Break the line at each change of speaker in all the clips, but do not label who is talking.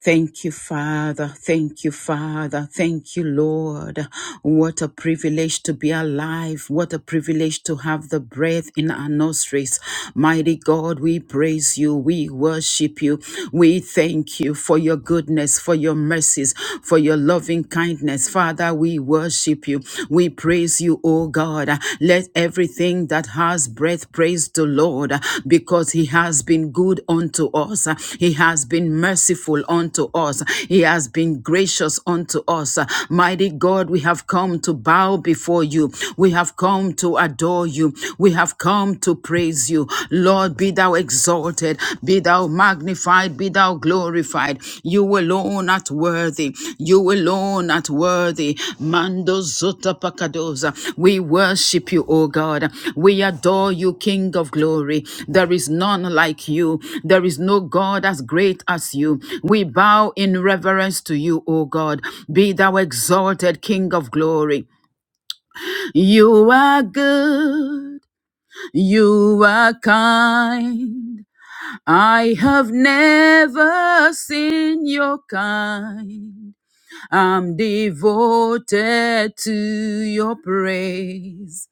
Thank you, Father. Thank you, Father. Thank you, Lord. What a privilege to be alive. What a privilege to have the breath in our nostrils. Mighty God, we praise you. We worship you. We thank you for your goodness, for your mercies, for your loving kindness. Father, we worship you. We praise you, O God. God. Let everything that has breath praise the Lord because he has been good unto us. He has been merciful unto us. He has been gracious unto us. Mighty God, we have come to bow before you. We have come to adore you. We have come to praise you. Lord, be thou exalted. Be thou magnified be thou glorified. You alone art worthy. You alone art worthy. Mando zota pakadoza. We worship you, O God. We adore you, King of glory. There is none like you. There is no God as great as you. We bow in reverence to you, O God. Be thou exalted, King of glory. You are good. You are kind. I have never seen your kind. I'm devoted to your praise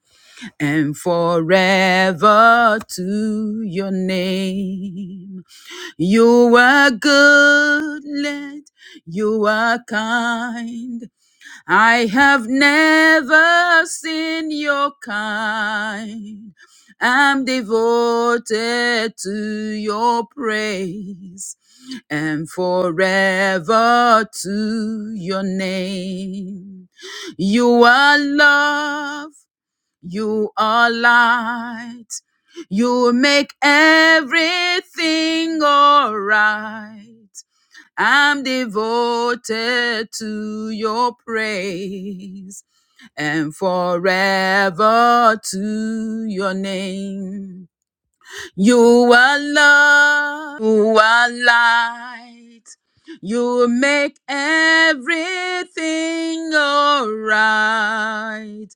and forever to your name. You are good, Lord. You are kind. I have never seen your kind. I'm devoted to your praise and forever to your name. You are love, you are light, you make everything alright. I'm devoted to your praise and forever to your name. You are love, you are light. You make everything alright.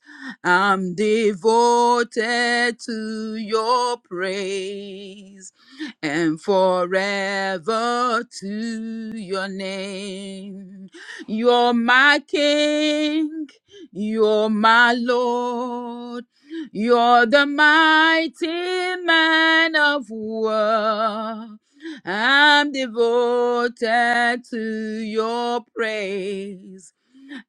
I'm devoted to your praise and forever to your name. You're my king, you're my Lord. You're the mighty man of war. I'm devoted to your praise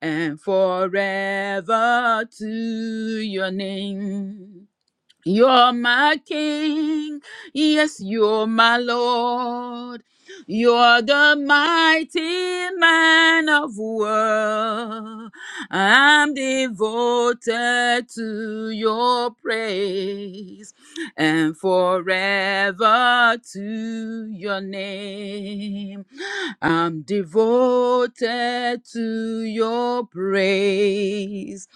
and forever to your name. You're my king. Yes, you're my Lord. You're the mighty man of war. I'm devoted to your praise and forever to your name. I'm devoted to your praise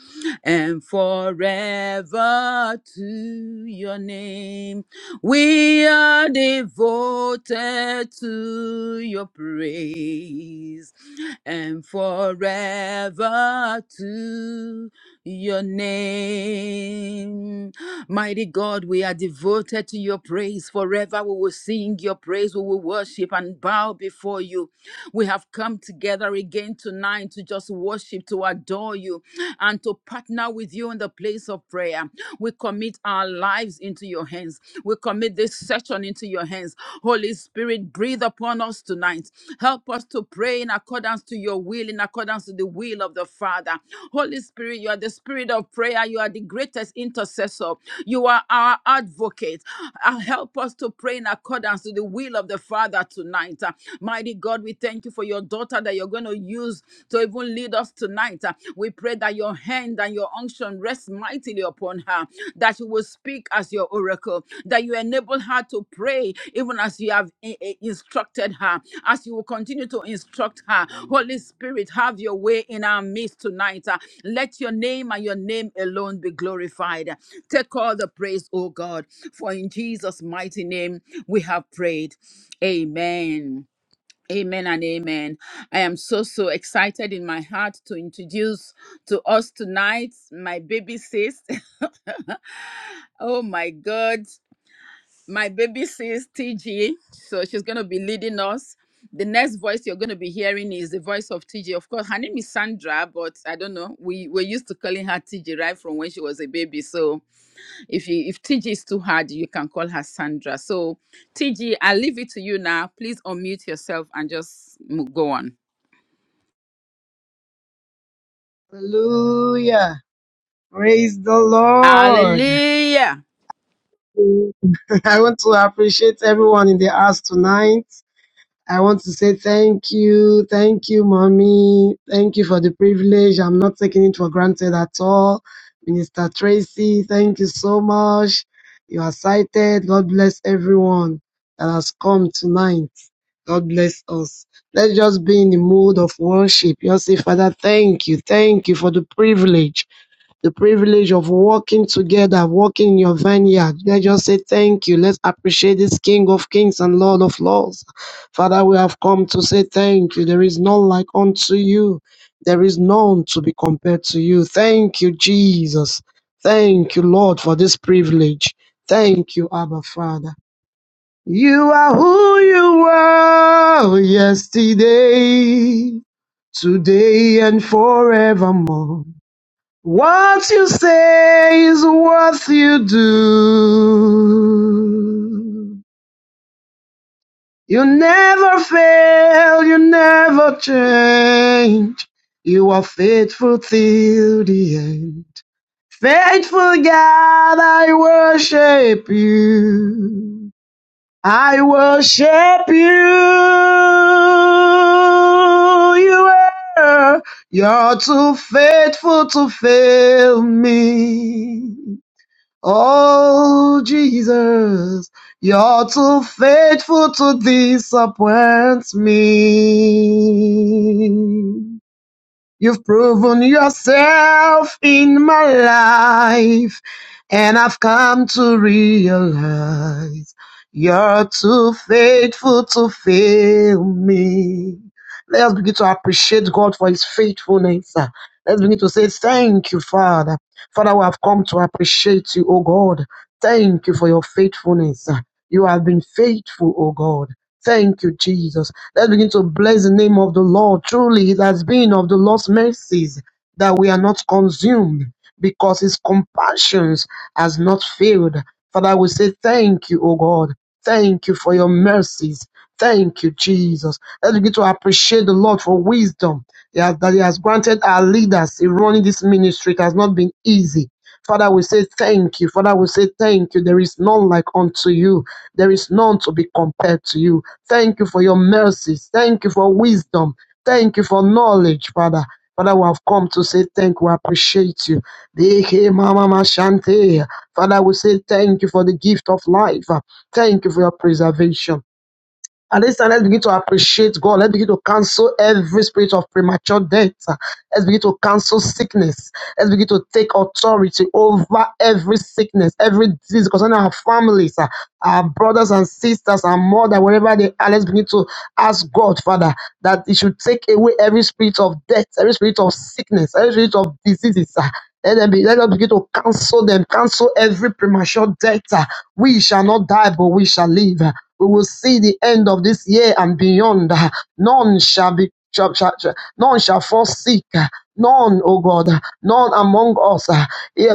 and forever to your name. We are devoted to your praise and forever to your name. Mighty God, we are devoted to your praise. Forever we will sing your praise, we will worship and bow before you. We have come together again tonight to just worship, to adore you and to partner with you in the place of prayer. We commit our lives into your hands. We commit this session into your hands. Holy Spirit, breathe upon us tonight. Help us to pray in accordance to your will, in accordance to the will of the Father. Holy Spirit, you are the spirit of prayer. You are the greatest intercessor. You are our advocate. Uh, help us to pray in accordance to the will of the Father tonight. Uh, mighty God, we thank you for your daughter that you're going to use to even lead us tonight. Uh, we pray that your hand and your unction revelation rest mightily upon her, that you will speak as your oracle, that you enable her to pray even as you have i- i- instructed her, as you will continue to instruct her. Holy Spirit, have your way in our midst tonight. Uh, Let your name and your name alone be glorified. Take all the praise, O God, for in Jesus' mighty name we have prayed. Amen. Amen and amen. I am so, so excited in my heart to introduce to us tonight my baby sis. oh my God, my baby sis, TG. So she's going to be leading us. The next voice you're going to be hearing is the voice of TG. Of course, her name is Sandra, but I don't know. We were used to calling her TG right from when she was a baby. So if you if TG is too hard, you can call her Sandra. So TG, I leave it to you now. Please unmute yourself and just m- go on.
Hallelujah. Praise the Lord.
Hallelujah.
I want to appreciate everyone in the house tonight. I want to say thank you. Thank you, mommy. Thank you for the privilege. I'm not taking it for granted at all. Minister Tracy, thank you so much. You are cited. God bless everyone that has come tonight. God bless us. Let's just be in the mood of worship. Just say, Father, thank you. Thank you for the privilege. the privilege of working together, working in your vineyard. Let's just say thank you. Let's appreciate this King of Kings and Lord of Lords. Father, we have come to say thank you. There is none like unto you. There is none to be compared to you. Thank you, Jesus. Thank you, Lord, for this privilege. Thank you, Abba Father. You are who you were yesterday, today, and forevermore. What you say is what you do. You never fail, you never change. You are faithful till the end. Faithful God, I worship you. I worship you. You are, you're too faithful to fail me. Oh, Jesus, you're too faithful to disappoint me. You've proven yourself in my life, and I've come to realize you're too faithful to fail me. Let us begin to appreciate God for his faithfulness. uh. Let's begin to say, Thank you, Father. Father, we have come to appreciate you, O God. Thank you for your faithfulness. uh. You have been faithful, O God. Thank you, Jesus. Let's begin to bless the name of the Lord. Truly, it has been of the Lord's mercies that we are not consumed because his compassions has not failed. Father, we say thank you, O God. Thank you for your mercies. Thank you, Jesus. Let's begin to appreciate the Lord for wisdom He has- that He has granted our leaders in running this ministry. It has not been easy. Father, we say thank you. Father, we say thank you. There is none like unto you. There is none to be compared to you. Thank you for your mercies. Thank you for wisdom. Thank you for knowledge, Father. Father, we have come to say thank you. We appreciate you. Deke mama mashante. Father, we say thank you for the gift of life. Thank you for your preservation. And this time, let's begin to appreciate God. Let's begin to cancel every spirit of premature death. Let's begin to cancel sickness. Let's begin to take authority over every sickness, every disease concerning our families, uh, our brothers and sisters, and mother, wherever they are. Let's begin to ask God, Father, that He should take away every spirit of death, every spirit of sickness, every spirit of diseases. uh, let them be, let us begin to cancel them, cancel every premature death. uh, We shall not die, but we shall live. uh, We will see the end of this year and beyond. uh, None shall be shall, shall, shall- none shall fall sick. uh, None, oh God, uh, none among us. uh,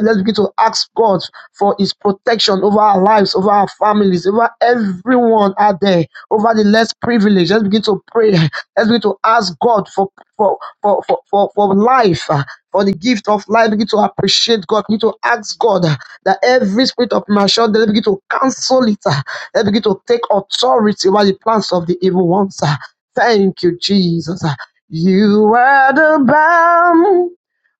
prayer, let's begin to ask God for His protection over our lives, over our families, over everyone out there, over the less privileged. Let's begin to pray. Let's begin to ask God for for for for for, for life. uh, For the gift of life, begin to appreciate God. Begin to ask God uh, that every spirit of malfunction, let begin to cancel it. uh, Let begin to take authority over the plans of the evil ones. uh. Thank you, Jesus. uh. You are the balm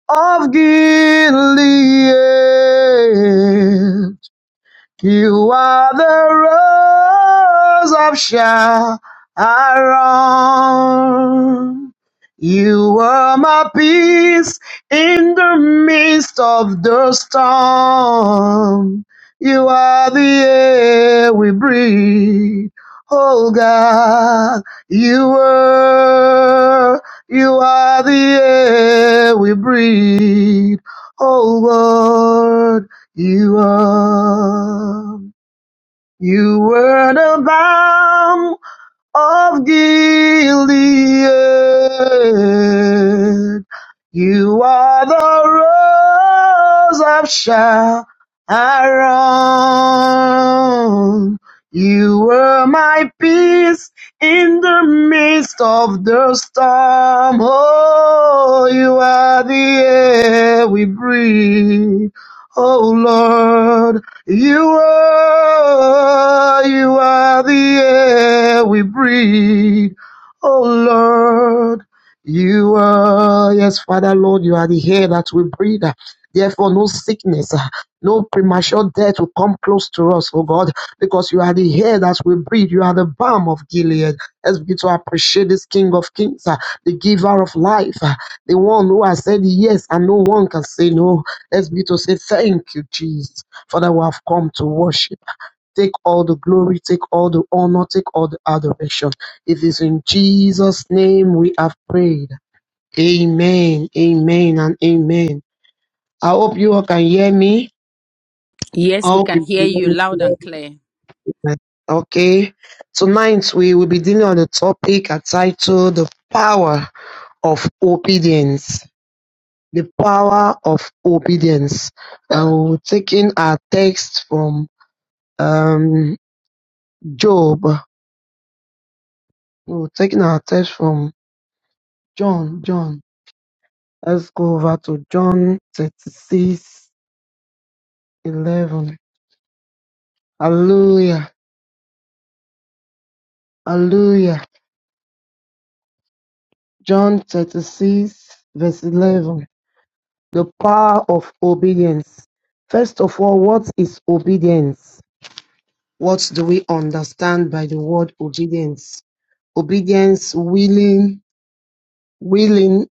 of Gilead you are the rose of Sharon. You were my peace in the midst of the storm. You are the air we breathe. Oh God, you were, you are the air we breathe. Oh Lord. You are, you were the bomb of Gilead. You are the rose of Sharon. You were my peace in the midst of the storm. Oh, you are the air we breathe. Oh Lord, you are, you are the air we breathe. Oh Lord, you are, yes, Father Lord, you are the air that we breathe. Therefore, no sickness, uh, no premature death will come close to us, oh God, because you are the air that we breathe. You are the balm of Gilead. Let's begin to appreciate this King of Kings, uh, the giver of life, uh, the one who has said yes and no one can say no. Let's begin to say thank you, Jesus. Father, we have come to worship. Take all the glory, take all the honor, take all the adoration. It is in Jesus' name we have prayed. Amen, amen, and amen. I hope you all can hear me. I
Yes, we
hope
can hear
you
you
can
loud
hear
and clear.
me. Okay. Tonight we will be dealing on the topic titled The Power of Obedience. The Power of Obedience. And we're taking our text from um, Job We are taking our text from John, John. Let's go over to John 36, 11. Hallelujah, hallelujah. John 36, verse 11. The power of obedience. First of all, what is obedience? What do we understand by the word obedience? Obedience, willing, willing,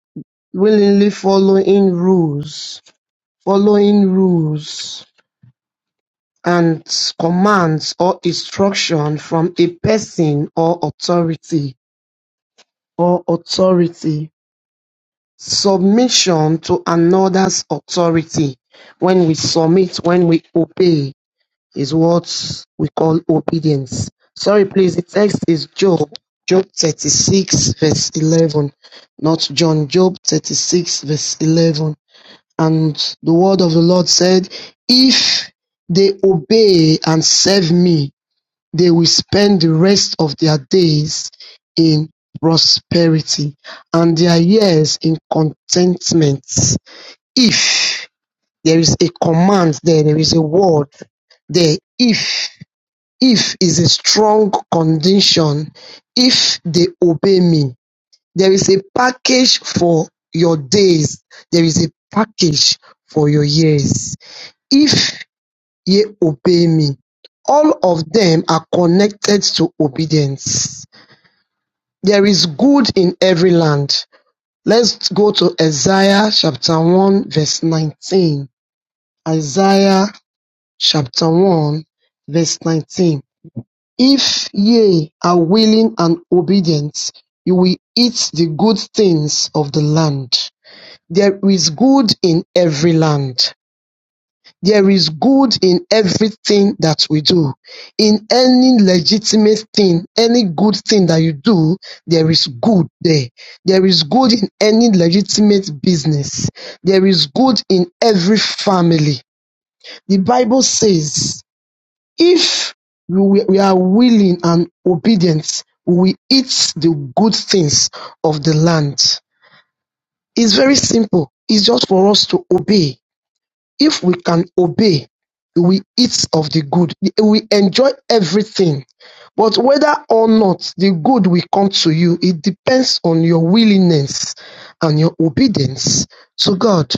willingly following rules, following rules and commands or instruction from a person or authority or authority. Submission to another's authority. When we submit, when we obey, is what we call obedience. Sorry, please, the text is Job, Job 36, verse 11. Not John, Job 36, verse 11. And the word of the Lord said, If they obey and serve me, they will spend the rest of their days in prosperity, and their years in contentment. If there is a command there, there is a word there. If if is a strong condition. If they obey me, there is a package for your days. There is a package for your years. If Ye obey me. All of them are connected to obedience. There is good in every land. Let's go to Isaiah chapter 1 verse 19. Isaiah chapter 1 verse 19. If ye are willing and obedient, you will eat the good things of the land. There is good in every land. There is good in everything that we do. In any legitimate thing, any good thing that you do, there is good there. There is good in any legitimate business. There is good in every family. The Bible says, if we we are willing and obedient, we eat the good things of the land. It's very simple. It's just for us to obey. If we can obey, we eat of the good, we enjoy everything. But whether or not the good will come to you, it depends on your willingness and your obedience to God.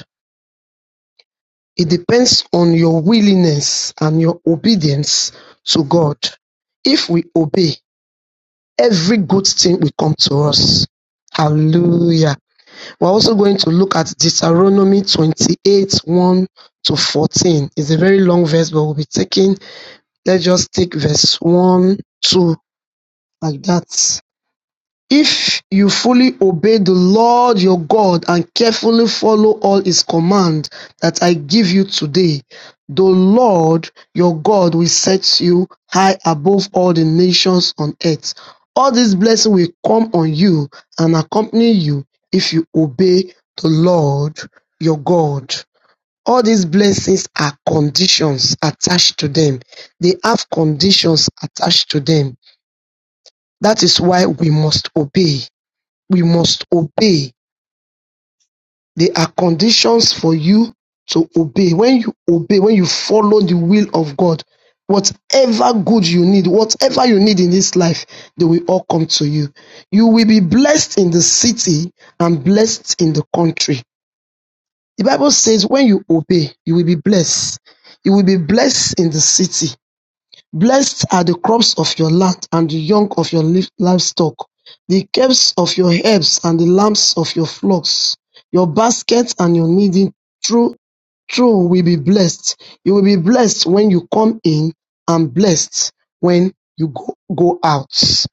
It depends on your willingness and your obedience to God. If we obey, every good thing will come to us. Hallelujah. We're also going to look at Deuteronomy 28 1 to 14. It's a very long verse, but we'll be taking, let's just take verse 1, 2, like that. If you fully obey the Lord your God and carefully follow all his commands that I give you today, the Lord your God will set you high above all the nations on earth. All these blessings will come on you and accompany you if you obey the Lord your God. All these blessings are conditions attached to them. They have conditions attached to them. That is why we must obey we must obey. There are conditions for you to obey. When you obey, when you follow the will of God, whatever good you need, whatever you need in this life, they will all come to you. You will be blessed in the city and blessed in the country. The Bible says when you obey, you will be blessed. You will be blessed in the city Blessed are the crops of your land and the young of your livestock, the calves of your herds and the lambs of your flocks. Your basket and your kneading trough will be blessed. You will be blessed when you come in and blessed when you go, go out.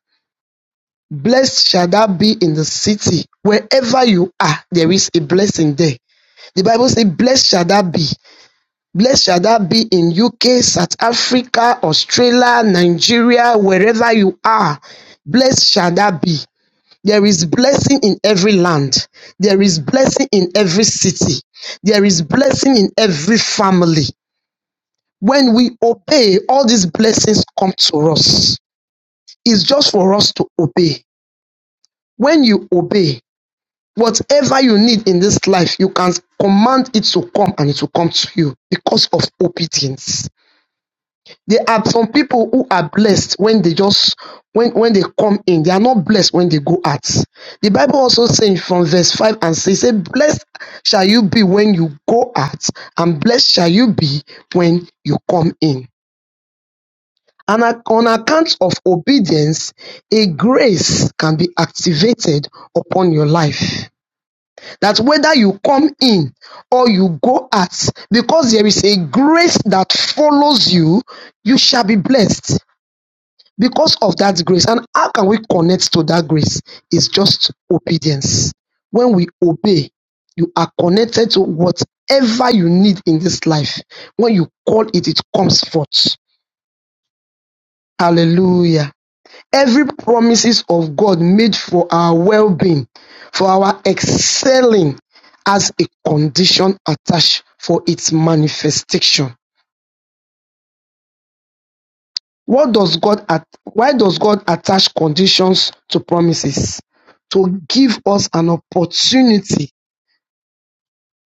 Blessed shall that be in the city. Wherever you are, there is a blessing there. The Bible says, Blessed shall that be Blessed shall that be in UK, South Africa, Australia, Nigeria, wherever you are. Blessed shall that be. There is blessing in every land. There is blessing in every city. There is blessing in every family. When we obey, all these blessings come to us. It's just for us to obey. When you obey, whatever you need in this life, you can command it to come and it will come to you because of obedience There are some people who are blessed when they just when when they come in, they are not blessed when they go out. The Bible also says from verse 5 and 6, say, Blessed shall you be when you go out, and blessed shall you be when you come in. And on account of obedience, a grace can be activated upon your life. That whether you come in or you go out, because there is a grace that follows you, you shall be blessed because of that grace. And how can we connect to that grace? It's just obedience. When we obey, you are connected to whatever you need in this life. When you call it, it comes forth. Hallelujah. Every promises of God made for our well-being, for our excelling as a condition attached for its manifestation. What does God at, why does God attach conditions to promises? To give us an opportunity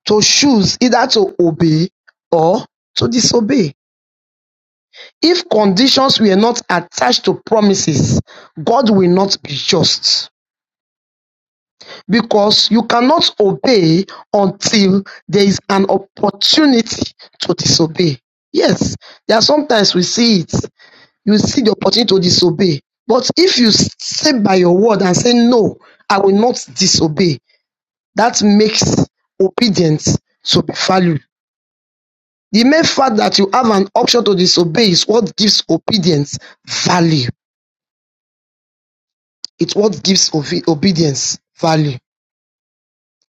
to choose either to obey or to disobey. If conditions were not attached to promises, God will not be just because you cannot obey until there is an opportunity to disobey. Yes, there are sometimes we see it. you see the opportunity to disobey. But if you stay by your word and say, No, I will not disobey, that makes obedience to be valued. The mere fact that you have an option to disobey is what gives obedience value. It's what gives obe- obedience value.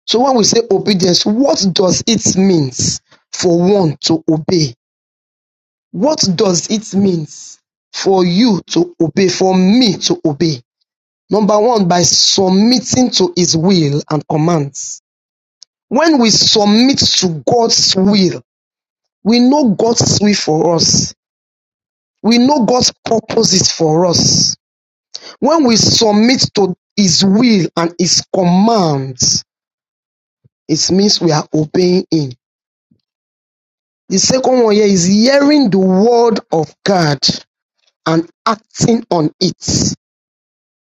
So when we say obedience, what does it mean for one to obey? What does it mean for you to obey, for me to obey? Number one, by submitting to His will and commands. When we submit to God's will, we know God's will for us. We know God's purposes for us. When we submit to His will and His commands, it means we are obeying Him. The second one here is hearing the word of God and acting on it.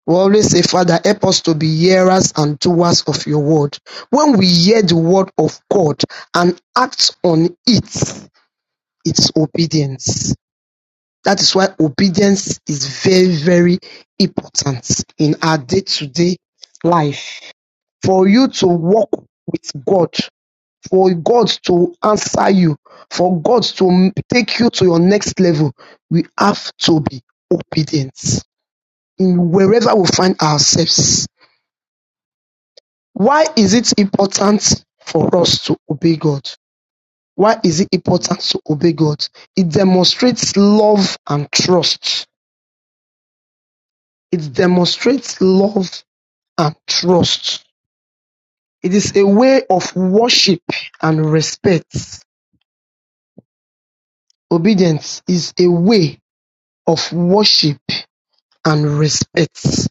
We always say, Father, help us to be hearers and doers of your word. When we hear the word of God and act on it, it's obedience. That is why obedience is very, very important in our day to day life. For you to walk with God, for God to answer you, for God to take you to your next level, we have to be obedient in wherever we find ourselves Why is it important for us to obey God? Why is it important to obey God? It demonstrates love and trust. It demonstrates love and trust. It is a way of worship and respect. Obedience is a way of worship and respect.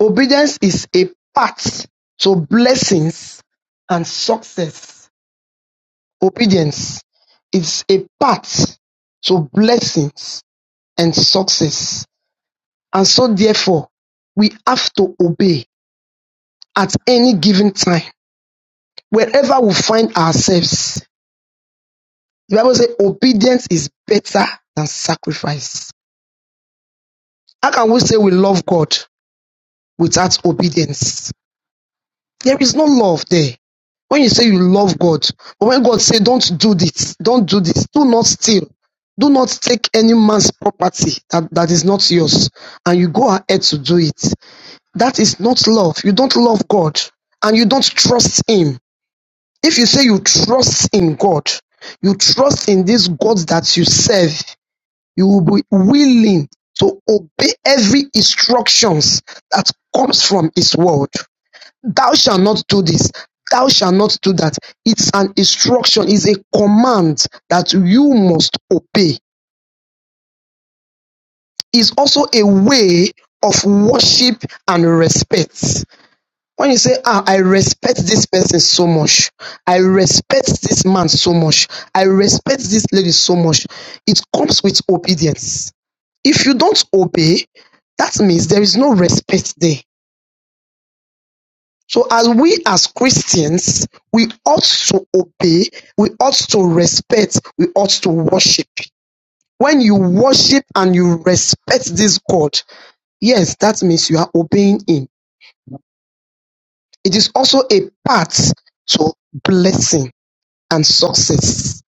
Obedience is a path to blessings and success Obedience is a path to blessings and success. And so therefore, we have to obey at any given time, wherever we find ourselves. The Bible says obedience is better than sacrifice. How can we say we love God without obedience? There is no love there. when you say you love God, but when God say, don't do this, don't do this, do not steal, do not take any man's property that, that is not yours, and you go ahead to do it, that is not love. You don't love God, and you don't trust Him. If you say you trust in God, you trust in this God that you serve, you will be willing to obey every instructions that comes from His word. Thou shalt not do this. Thou shalt not do that. It's an instruction, it's a command that you must obey. It's also a way of worship and respect. When you say, ah, I respect this person so much, I respect this man so much, I respect this lady so much, it comes with obedience. If you don't obey, that means there is no respect there So as we as Christians, we ought to obey, we ought to respect, we ought to worship. When you worship and you respect this God, yes, that means you are obeying Him. It is also a path to blessing and success.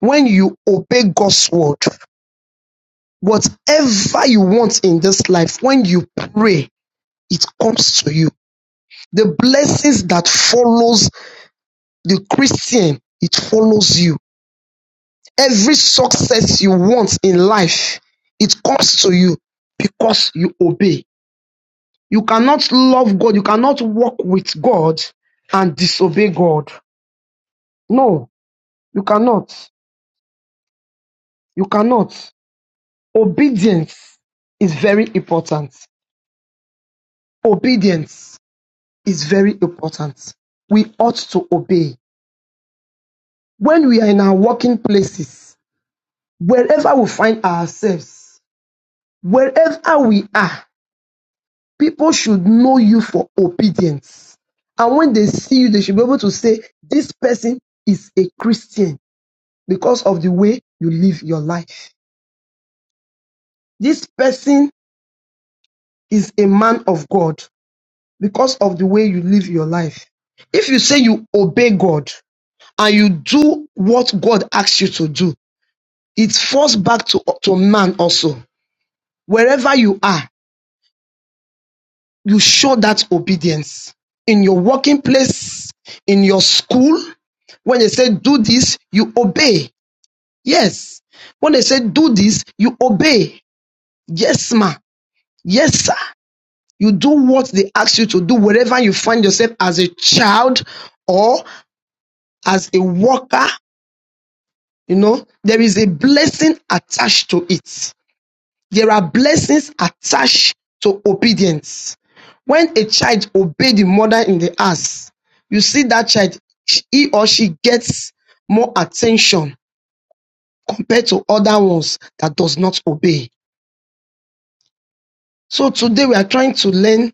When you obey God's word, whatever you want in this life, when you pray, it comes to you. The blessings that follows the Christian, it follows you Every success you want in life, it comes to you because you obey. You cannot love God. You cannot walk with God and disobey God. No, you cannot. You cannot. Obedience is very important. Obedience is very important. We ought to obey. When we are in our working places, wherever we find ourselves, wherever we are, People should know you for obedience. And when they see you, they should be able to say, this person is a Christian because of the way you live your life. This person is a man of God because of the way you live your life. If you say you obey God and you do what God asks you to do, it falls back to, to man also. Wherever you are, you show that obedience in your working place, in your school. When they say do this, you obey. Yes. When they say do this, you obey. Yes, ma. Yes, sir. You do what they ask you to do wherever you find yourself as a child or as a worker. You know, there is a blessing attached to it. There are blessings attached to obedience. When a child obeys the mother in the house, you see that child, he or she gets more attention compared to other ones that does not obey. So today we are trying to learn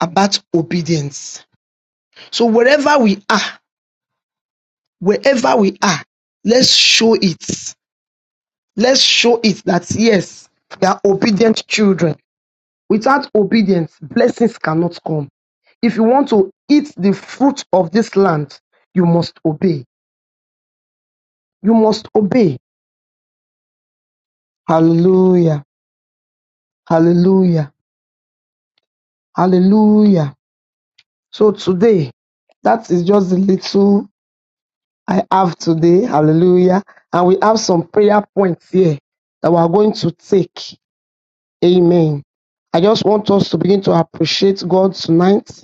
about obedience. So wherever we are, wherever we are, let's show it. Let's show it that yes, we are obedient children Without obedience, blessings cannot come. If you want to eat the fruit of this land, you must obey. You must obey. Hallelujah. Hallelujah. Hallelujah. So today, that is just the little I have today. Hallelujah. And we have some prayer points here that we are going to take. Amen. I just want us to begin to appreciate God tonight.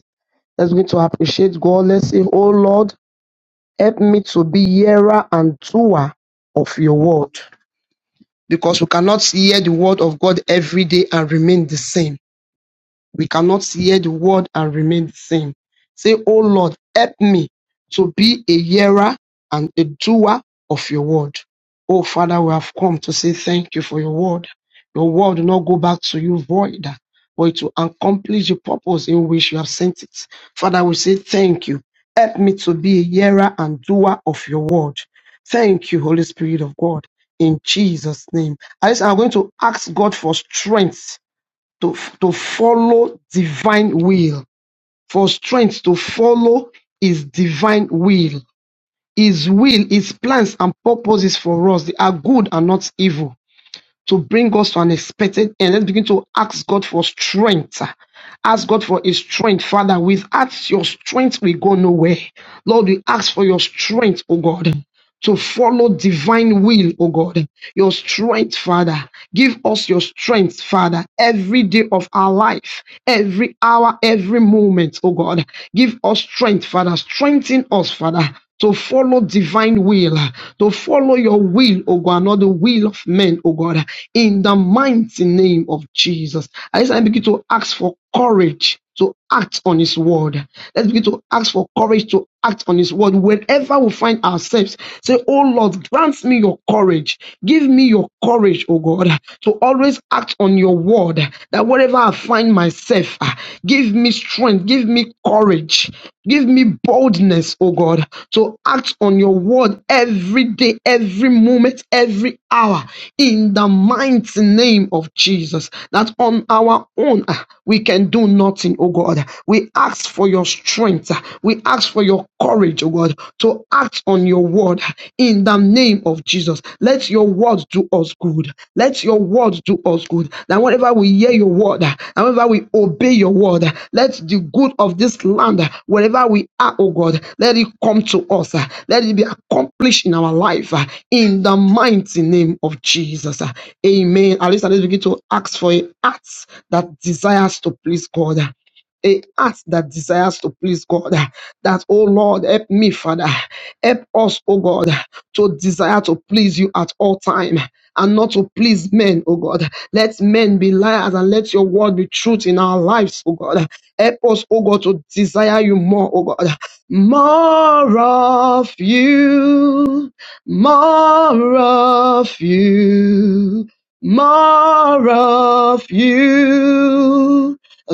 Let's begin to appreciate God. Let's say, Oh Lord, Help me to be hearer and doer of your word because we cannot hear the word of God every day and remain the same we cannot hear the word and remain the same. Say, Oh Lord, help me to be a hearer and a doer of your word. Oh Father, we have come to say thank you for your word. Your word will not go back to you void, but it will accomplish the purpose in which you have sent it. Father, we say thank you. Help me to be a hearer and doer of your word. Thank you, Holy Spirit of God. In Jesus' name. I- just- I'm going to ask God for strength to, to follow divine will, for strength to follow his divine will. His will, his plans and purposes for us, they are good and not evil to bring us to an expected end. Let's begin to ask God for strength. Ask God for His strength, Father. Without your strength, we go nowhere. Lord, we ask for your strength, oh God to follow divine will, oh God. Your strength, Father. Give us your strength, Father, every day of our life, every hour, every moment, oh God. Give us strength, Father. Strengthen us, Father. To follow divine will, to follow your will, oh God, not the will of men, oh God, in the mighty name of Jesus. I I begin to ask for courage to act on his word. Let's begin to ask for courage to act on his word whenever we find ourselves. Say, Oh Lord, grant me your courage. Give me your courage, oh God, to always act on your word. That wherever I find myself, ah, give me strength, give me courage, give me boldness, oh God, to act on your word every day, every moment, every hour, in the mighty name of Jesus. That on our own ah, we can do nothing mountain, oh God. We ask for your strength. We ask for your courage, oh God, to act on your word in the name of Jesus. Let your word do us good. Let your word do us good. That whenever we hear your word, and whenever we obey your word, let the good of this land, wherever we are, oh God, let it come to us. Let it be accomplished in our life uh, in the mighty name of Jesus. uh. Amen. At least let's begin to ask for a heart that desires to please God a heart that desires to please God. That, oh Lord, help me, Father. Help us, oh God, to desire to please you at all time and not to please men, oh God. Let men be liars and let your word be truth in our lives, oh God. Help us, oh God, to desire you more, oh God. More of you, more of you, more of you.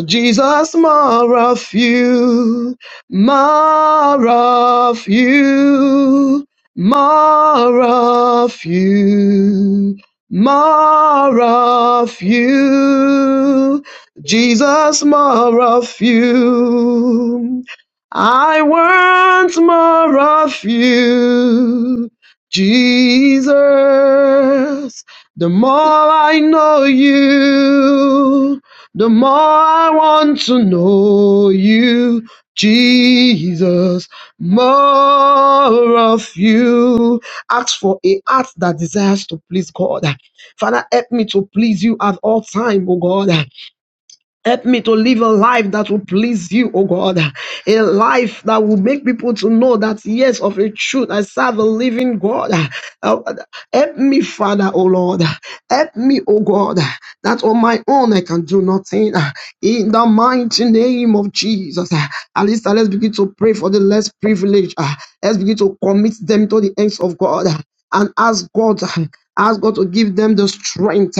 Jesus, more of you, more of you, more of you, more of you, Jesus, more of you. I want more of you, Jesus. The more I know you. The more I want to know you, Jesus, more of you. Ask for a heart that desires to please God. Father, help me to please you at all time, oh God. Help me to live a life that will please you, oh God. A life that will make people to know that, yes, of a truth, I serve a living God. Uh, Help me, Father, oh Lord. Help me, oh God, that on my own I can do nothing. In the mighty name of Jesus. At least uh, let's begin to pray for the less privileged. Uh, Let's begin to commit them to the hands of God and ask God, ask God to give them the strength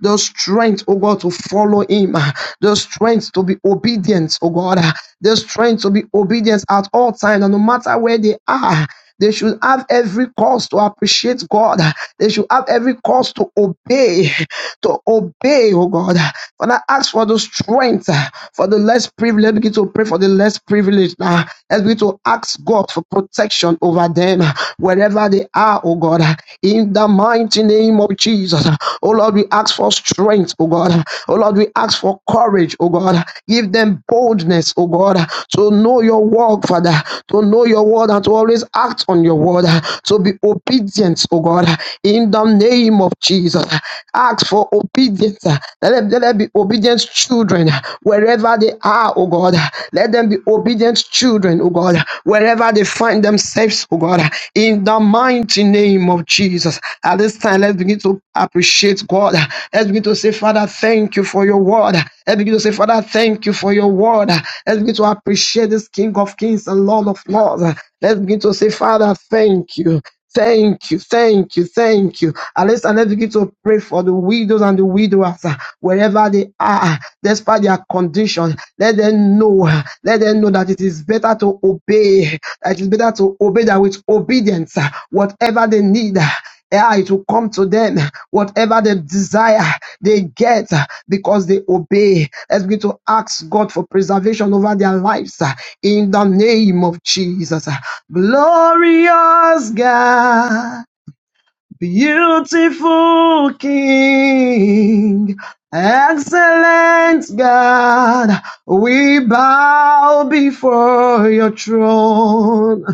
the strength, oh God, to follow Him, ah, the strength to be obedient, oh God, ah, the strength to be obedient at all times, and no matter where they are. They should have every cause to appreciate God. ah. They should have every cause to obey, to obey, oh God. ah. Father, ask for the strength ah, for the less privileged. Let's Begin to pray for the less privileged now. Let's begin to ask God for protection over them uh, wherever wherever they are, oh God, in the mighty name of Jesus. Oh Lord, we ask for strength, oh God. Oh Lord, we ask for courage, oh God. Give them boldness, oh God, to know your word, Father, to know your word and to always act on your word, to be obedient, oh God, in the name of Jesus. Ask for obedience. Let them, let them be obedient children wherever they are, oh God. Let them be and the obedient children, oh God, wherever they find themselves, oh God, in the mighty name of Jesus. At this time, let's begin to appreciate God. Let's begin to say, Father, thank you for your word. Let's begin to say, Father, thank you for your word. Let's begin to appreciate this King of Kings and Lord of Lords. Let's begin to say, Father, thank you. Thank you, thank you, thank you. And let's, and let's begin to pray for the widows and the widowers uh, wherever they are, uh, despite their condition. Let them know, uh, let them know that it is better to obey, that it is better to obey that with obedience, uh, whatever they need. uh, yeah, it will come to them. Whatever they desire, they get because they obey. Let's begin to ask God for preservation over their lives uh, in the name of Jesus. Glorious God. Beautiful King, excellent God, we bow before your throne.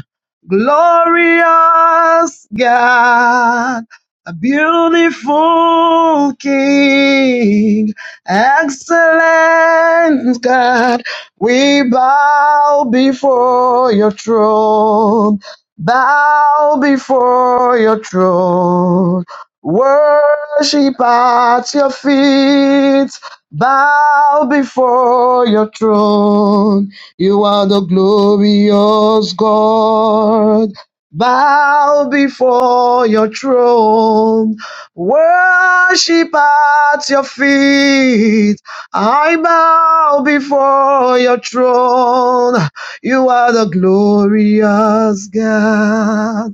Glorious God, a beautiful King, excellent God, we bow before your throne. Bow before your throne. Worship at your feet. Bow before your throne. You are the glorious God. Bow before your throne. Worship at your feet. I bow before your throne. You are the glorious God.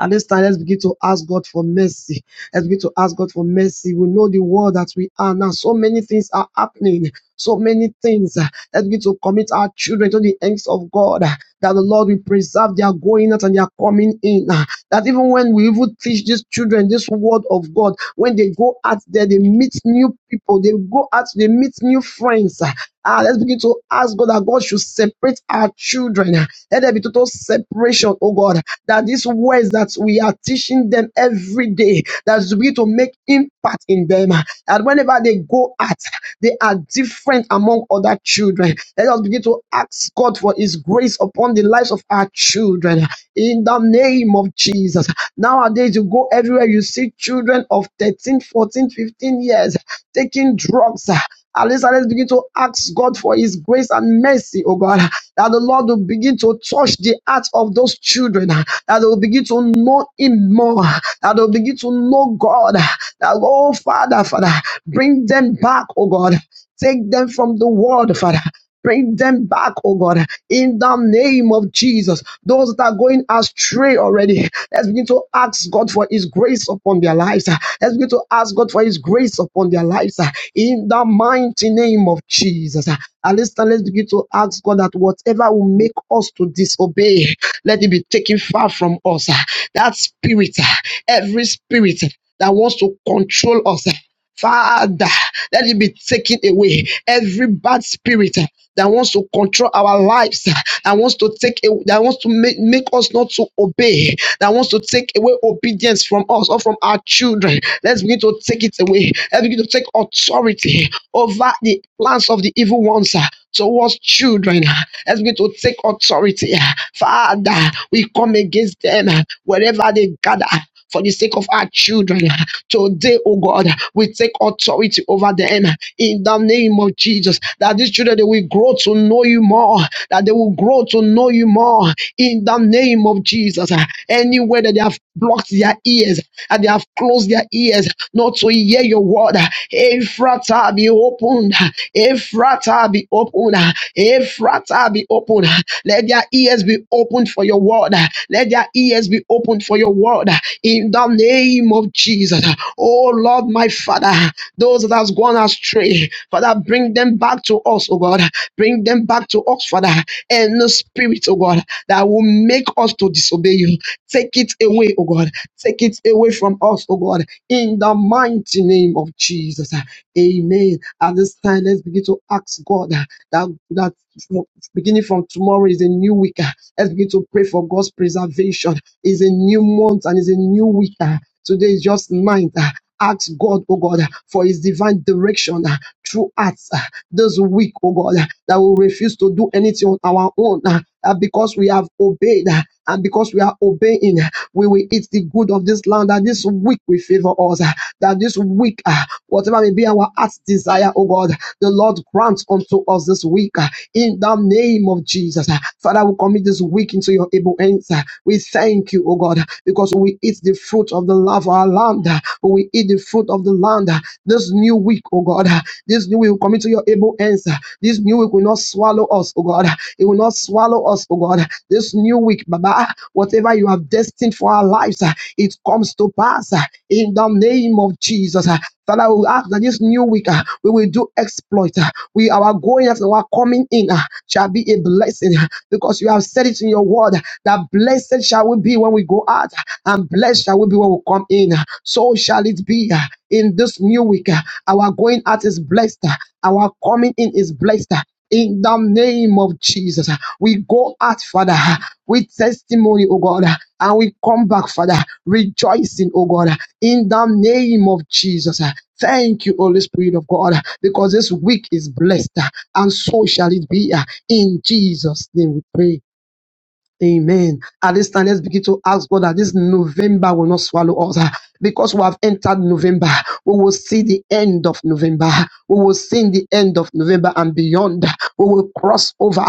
At this time, let's begin to ask God for mercy. Let's begin to ask God for mercy. We know the world that we are now. So many things are happening. So many things. Let's begin to commit our children to the hands of God. That the Lord will preserve their going out and their coming in. That even when we even teach these children this word of God, when they go out there, they meet new people. They go out, they meet new friends. Ah, let's begin to ask God that God should separate our children. Let there be total separation, oh God that these words that we are teaching them every day, that is begin to make impact in them. And whenever they go out, they are different among other children. Let us begin to ask God for His grace upon the lives of our children in the name of Jesus. Nowadays, you go everywhere, you see children of 13, 14, 15 years taking drugs. At least let's begin to ask God for His grace and mercy, oh God, that the Lord will begin to touch the hearts of those children, that they will begin to know Him more, that they will begin to know God, that, oh Father, Father, bring them back, oh God. Take them from the world, Father. Bring them back, oh God, in the name of Jesus. Those that are going astray already, let's begin to ask God for His grace upon their lives. Let's begin to ask God for His grace upon their lives in the mighty name of Jesus. At least let's begin to ask God that whatever will make us to disobey, let it be taken far from us. That spirit, every spirit that wants to control us. Father, let it be taken away. Every bad spirit uh, that wants to control our lives, uh, that wants to take, a- that wants to make, make us not to obey, that wants to take away obedience from us or from our children. Let's begin to take it away. Let's begin to take authority over the plans of the evil ones. uh, towards children. Help me to take authority. Father, we come against them wherever they gather. For the sake of our children, today, oh God, we take authority over them in the name of Jesus. That these children they will grow to know you more, that they will grow to know you more in the name of Jesus. Anywhere that they have blocked their ears and they have closed their ears, not to hear your word. Ephrata be opened. Ephrata be opened. Ephrata be opened. Let their ears be opened for your word. Let their ears be opened for your word. In the name of Jesus. Oh Lord, my Father, those that has gone astray, Father, bring them back to us, oh God. Bring them back to us, Father. And the spirit, oh God, that will make us to disobey you. Take it away, oh God. Take it away from us, oh God in the mighty name of Jesus. Amen. At this time, let's begin to ask God uh, that, that beginning from tomorrow is a new week. uh, Let's begin to pray for God's preservation. It's a new month and it's a new week. uh, Today is just ninth. Ask God, oh God, for his divine direction uh, through us uh, this week, oh God, uh, that we refuse to do anything on our own. uh, uh, because we have obeyed uh, and because we are obeying, uh, we will eat the good of this land. That this week will favor us. uh, That this week, uh, whatever may be our heart's desire, oh God, the Lord grants unto us this week uh, in the name of Jesus. Uh, Father, we commit this week into your able hands. uh, We thank you, oh God, because we eat the fruit of the love of our land. We eat the fruit of the land. This new week, oh God, this new week will commit to your able hands. This new week will not swallow us, oh God. It will not swallow us, oh God. This new week, Baba, whatever you have destined for our lives, it comes to pass in the name of Jesus. Father, we ask that this new week uh, we will do exploit. uh, We our going out and our coming in uh, shall be a blessing uh, because you have said it in your word uh, that blessed shall we be when we go out, and blessed shall we be when we come in. So shall it be uh, in this new week. uh, Our going out is blessed, uh, our coming in is blessed. uh, In the name of Jesus, we go out, Father, uh, with testimony, oh God, uh, and we come back, Father, rejoicing, oh God, uh, in the name of Jesus. Thank you, Holy Spirit of God, because this week is blessed, uh, and so shall it be. uh, In Jesus' name we pray. Amen. At this time, let's begin to ask God that this November will not swallow us ah, because we have entered November. We will see the end of November. We will see the end of November and beyond. We will cross over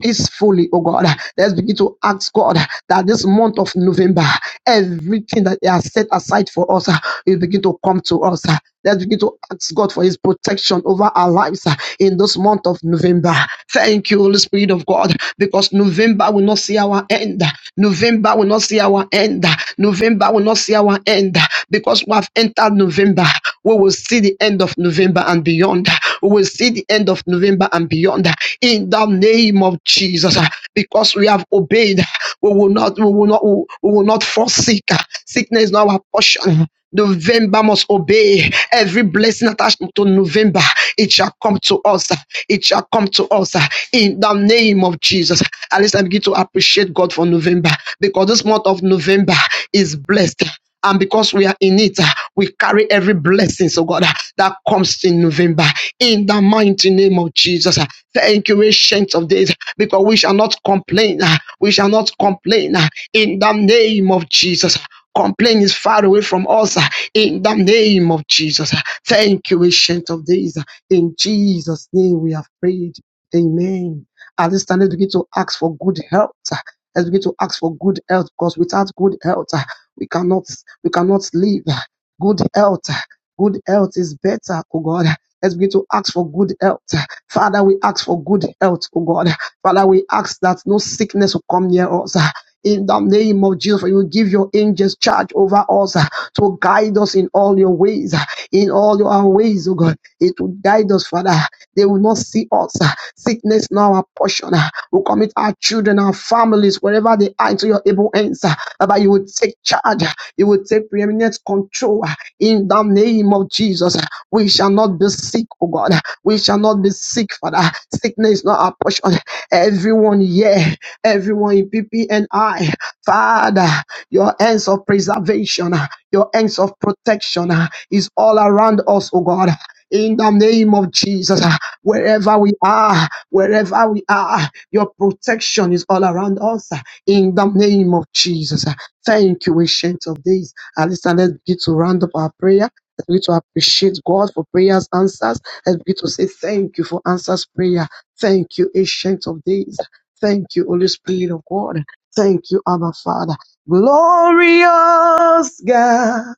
peacefully, oh God. Let's begin to ask God that this month of November, everything that they has set aside for us ah, will begin to come to us. ah. Let's begin to ask God for His protection over our lives uh, in this month of November. Thank you, Holy Spirit of God, because November will not see our end. November will not see our end. November will not see our end because we have entered November. We will see the end of November and beyond. We will see the end of November and beyond in the name of Jesus uh, because we have obeyed. We will not, we will not, we will not forsake. uh, Sickness is not our portion. November must obey every blessing attached to November. It shall come to us. It shall come to us in the name of Jesus. At least I begin to appreciate God for November because this month of November is blessed. And because we are in it, uh, we carry every blessing, so God, uh, that comes in November. In the mighty name of Jesus. uh, Thank you, ancient of days, because we shall not complain. Uh, We shall not complain. Uh, In the name of Jesus. Complain is far away from us ah, in the name of Jesus. ah. Thank you, ancient of days. ah. In Jesus' name we have prayed. Amen. At this time, let's begin to ask for good health. ah. Let's begin to ask for good health because without good health, ah, we cannot we cannot live. ah. Good health. ah. Good health is better, oh God. Let's begin to ask for good health. Father, we ask for good health, oh God. Father, we ask that no sickness will come near us. In the name of Jesus, you will give your angels charge over us uh, to guide us in all your ways, uh, in all your ways, oh God. It will guide us, Father. They will not see us. uh, Sickness now our portion. uh, We commit our children, our families, wherever they are, into your able hands. uh, Baba, you will take charge. uh, You will take preeminent control. uh, In the name of Jesus, uh, we shall not be sick, oh God. We shall not be sick, Father. Sickness not our portion. Everyone here everyone in PPNI. Father, your hands of preservation, your hands of protection is all around us, oh God. In the name of Jesus, wherever we are, wherever we are, your protection is all around us. In the name of Jesus, thank you, ancient of days. And listen, let's begin to round up our prayer. Let's begin to appreciate God for prayers answers. Let's begin to say thank you for answers prayer. Thank you, ancient of days. Thank you, Holy Spirit of God. Thank you, Abba Father. Glorious God,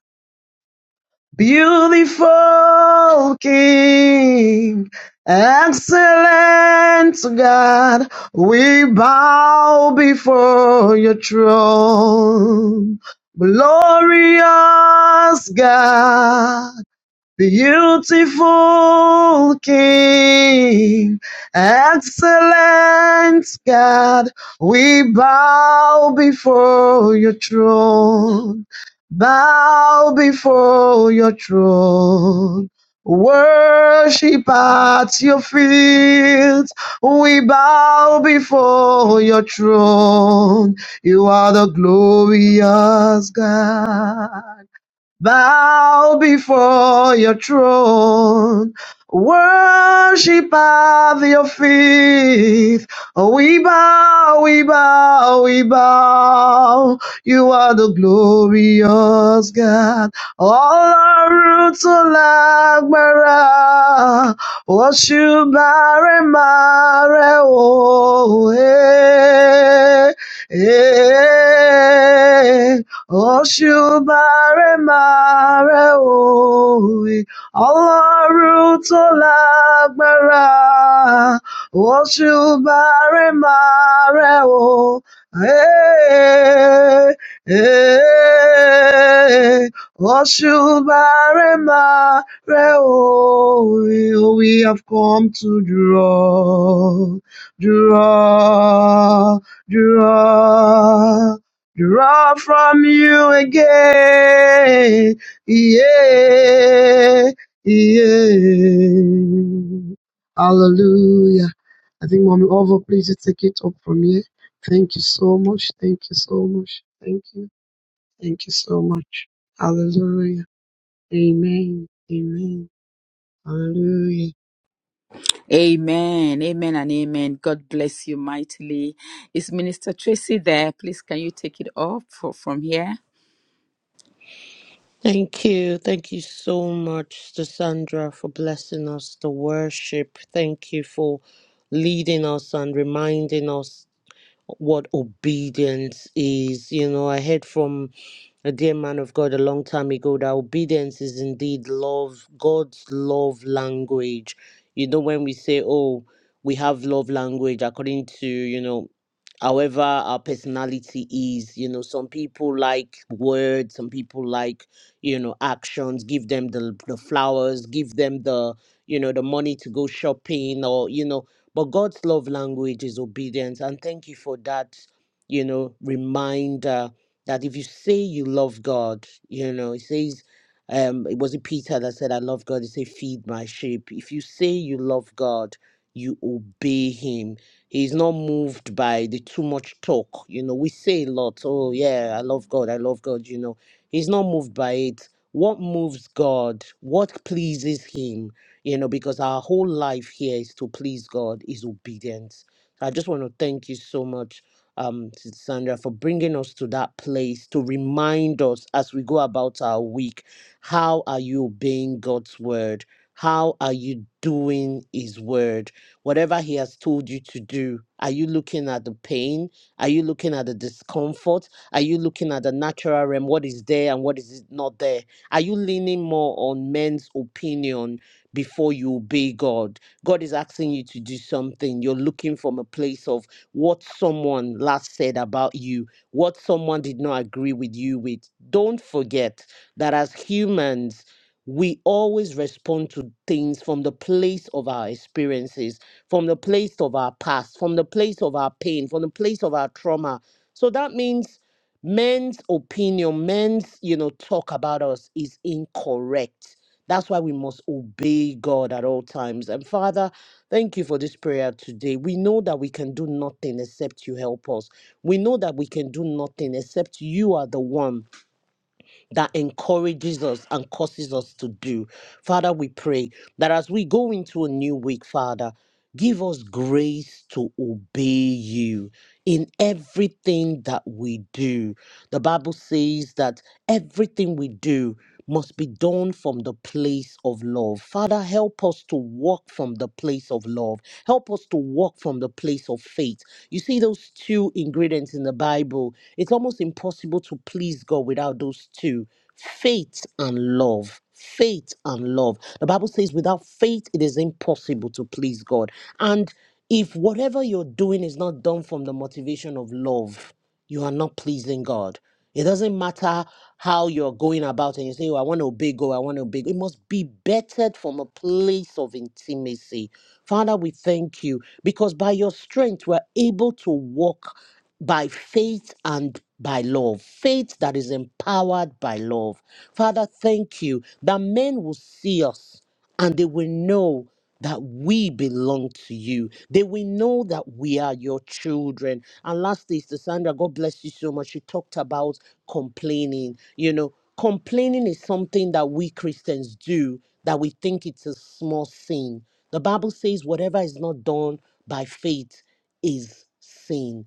beautiful King, excellent God, we bow before your throne. Glorious God. Beautiful King, excellent God, we bow before your throne, bow before your throne. Worship at your feet, we bow before your throne. You are the glorious God bow before your throne, worship at your feet. We bow, we bow, we bow. You are the glorious God. All our roots are like Mara. Worship Mare Mare. Oh, eh, eh. Ọ̀ṣùbàrẹ̀ máa rẹ̀ òwe, ọlọ́run tó lágbára. Ọ̀ṣùbàrẹ̀ máa rẹ̀ o. Eh, eh, Ọ̀ṣùbàrẹ̀ máa rẹ̀ òwe. We have come to draw, draw, draw draw from you again. Yeah, yeah. Hallelujah. I think Mommy Ovo, please just take it up from here. Thank you so much. Thank you so much. Thank you. Thank you so much. Hallelujah. Amen. Amen. Hallelujah.
Amen. Amen and amen. God bless you mightily. Is Minister Tracy there? Please can you take it off for, from here?
Thank you. Thank you so much, to Sandra, for blessing us to worship. Thank you for leading us and reminding us what obedience is. You know, I heard from a dear man of God a long time ago that obedience is indeed love, God's love language. You know, when we say, oh, we have love language according to, you know, however our personality is, you know, some people like words, some people like, you know, actions, give them the, the flowers, give them the, you know, the money to go shopping or, you know, but God's love language is obedience. And thank you for that, you know, reminder that if you say you love God, you know, it says, um, it was it Peter that said, I love God. He said, feed my sheep. If you say you love God, you obey him. He's not moved by the too much talk. You know, we say a lot, oh yeah, I love God, I love God, you know. He's not moved by it. What moves God? What pleases him? you know, because our whole life here is to please God, is obedience. So, I just want to thank you so much, um, Sister Sandra, for bringing us to that place to remind us as we go about our week how are you obeying God's word? How are you doing His word? Whatever He has told you to do, are you looking at the pain? Are you looking at the discomfort? Are you looking at the natural realm? What is there and what is not there? Are you leaning more on men's opinion before you obey God. God is asking you to do something. You're looking from a place of what someone last said about you, what someone did not agree with you with. Don't forget that as humans, we always respond to things from the place of our experiences, from the place of our past, from the place of our pain, from the place of our trauma. So that means men's opinion, men's, you know, talk about us is incorrect that's why we must obey God at all times. And Father, thank you for this prayer today. We know that we can do nothing except you help us. We know that we can do nothing except you are the one that encourages us and causes us to do. Father, we pray that as we go into a new week, Father, give us grace to obey you in everything that we do. The Bible says that everything we do must be done from the place of love. Father, help us to walk from the place of love. Help us to walk from the place of faith. You see those two ingredients in the Bible. It's almost impossible to please God without those two faith and love. Faith and love. The Bible says, without faith, it is impossible to please God. And if whatever you're doing is not done from the motivation of love, you are not pleasing God it doesn't matter how you're going about and you say, oh, I want to obey God, I want to obey. God." It must be bettered from a place of intimacy. Father, we thank you because by your strength, we're able to walk by faith and by love, faith that is empowered by love. Father, thank you that men will see us and they will know that we belong to you. They will know that we are your children. And lastly, Sister Sandra, God bless you so much. You talked about complaining. You know, complaining is something that we Christians do that we think it's a small sin. The Bible says whatever is not done by faith is sin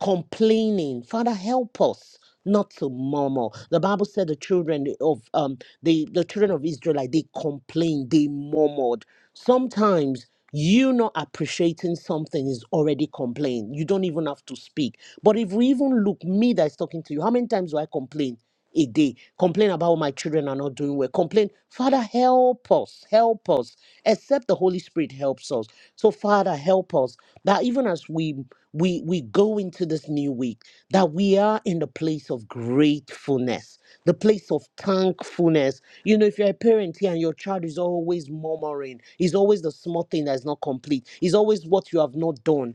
complaining. Father, help us not to murmur. The Bible said the children of um the, the children of Israelite they complained, they murmured. Sometimes you not appreciating something is already complaint. You don't even have to speak. But if we even look, me that's talking to you, how many times do I complain? a day. Complain about my children are not doing well. Complain, Father, help us, help us. Except the Holy Spirit helps us. So, Father, help us that even as we we we go into this new week, that we are in the place of gratefulness, the place of thankfulness. You know, if you're a parent here and your child is always murmuring, is always the small thing that is not complete, is always what you have not done.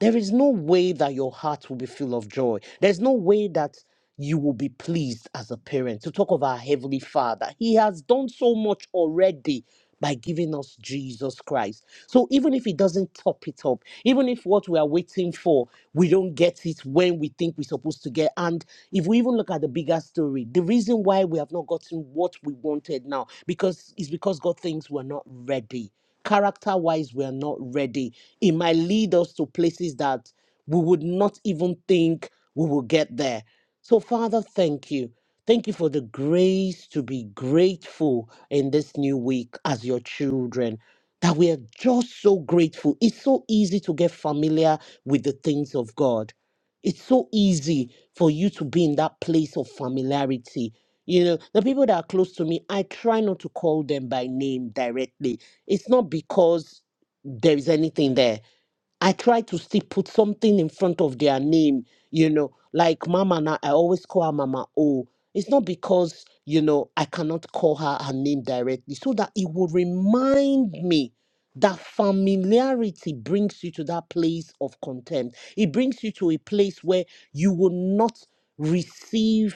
There is no way that your heart will be full of joy. There's no way that you will be pleased as a parent to talk of our Heavenly Father. He has done so much already by giving us Jesus Christ. So even if He doesn't top it up, even if what we are waiting for, we don't get it when we think we're supposed to get. And if we even look at the bigger story, the reason why we have not gotten what we wanted now because is because God thinks we're not ready. Character wise, we are not ready. It might lead us to places that we would not even think we will get there. So, Father, thank you. Thank you for the grace to be grateful in this new week as your children. That we are just so grateful. It's so easy to get familiar with the things of God. It's so easy for you to be in that place of familiarity. You know, the people that are close to me, I try not to call them by name directly it's not because there is anything there. I try to still put something in front of their name, you know, like Mama. Now I always call her Mama O. It's not because you know I cannot call her her name directly, so that it will remind me that familiarity brings you to that place of contempt. It brings you to a place where you will not receive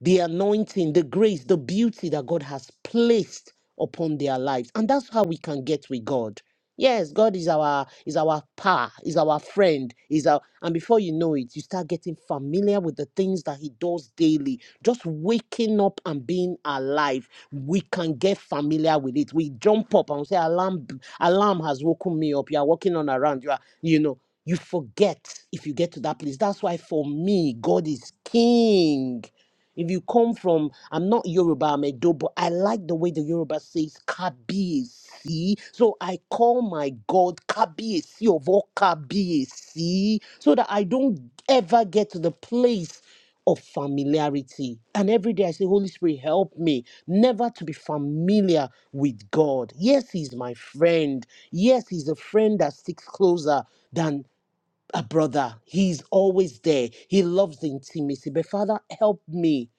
the anointing, the grace, the beauty that God has placed upon their lives. And that's how we can get with God. Yes, God is our is our pa, is our friend, is our and before you know it, you start getting familiar with the things that He does daily. Just waking up and being alive, we can get familiar with it. We jump up and say, "Alarm! b- Alarm has woken me up." You are walking on around. You are, you know, you forget if you get to that place. That's why for me, God is King. If you come from, I'm not Yoruba, I'm Edo, but I like the way the Yoruba says Kabiesi. So I call my God Kabiesi of all Kabiesi so that I don't ever get to the place of familiarity. And every day I say, Holy Spirit, help me never to be familiar with God. Yes, He's my friend. Yes, He's a friend that sticks closer than a brother. He's always there. He loves the intimacy. But Father, help me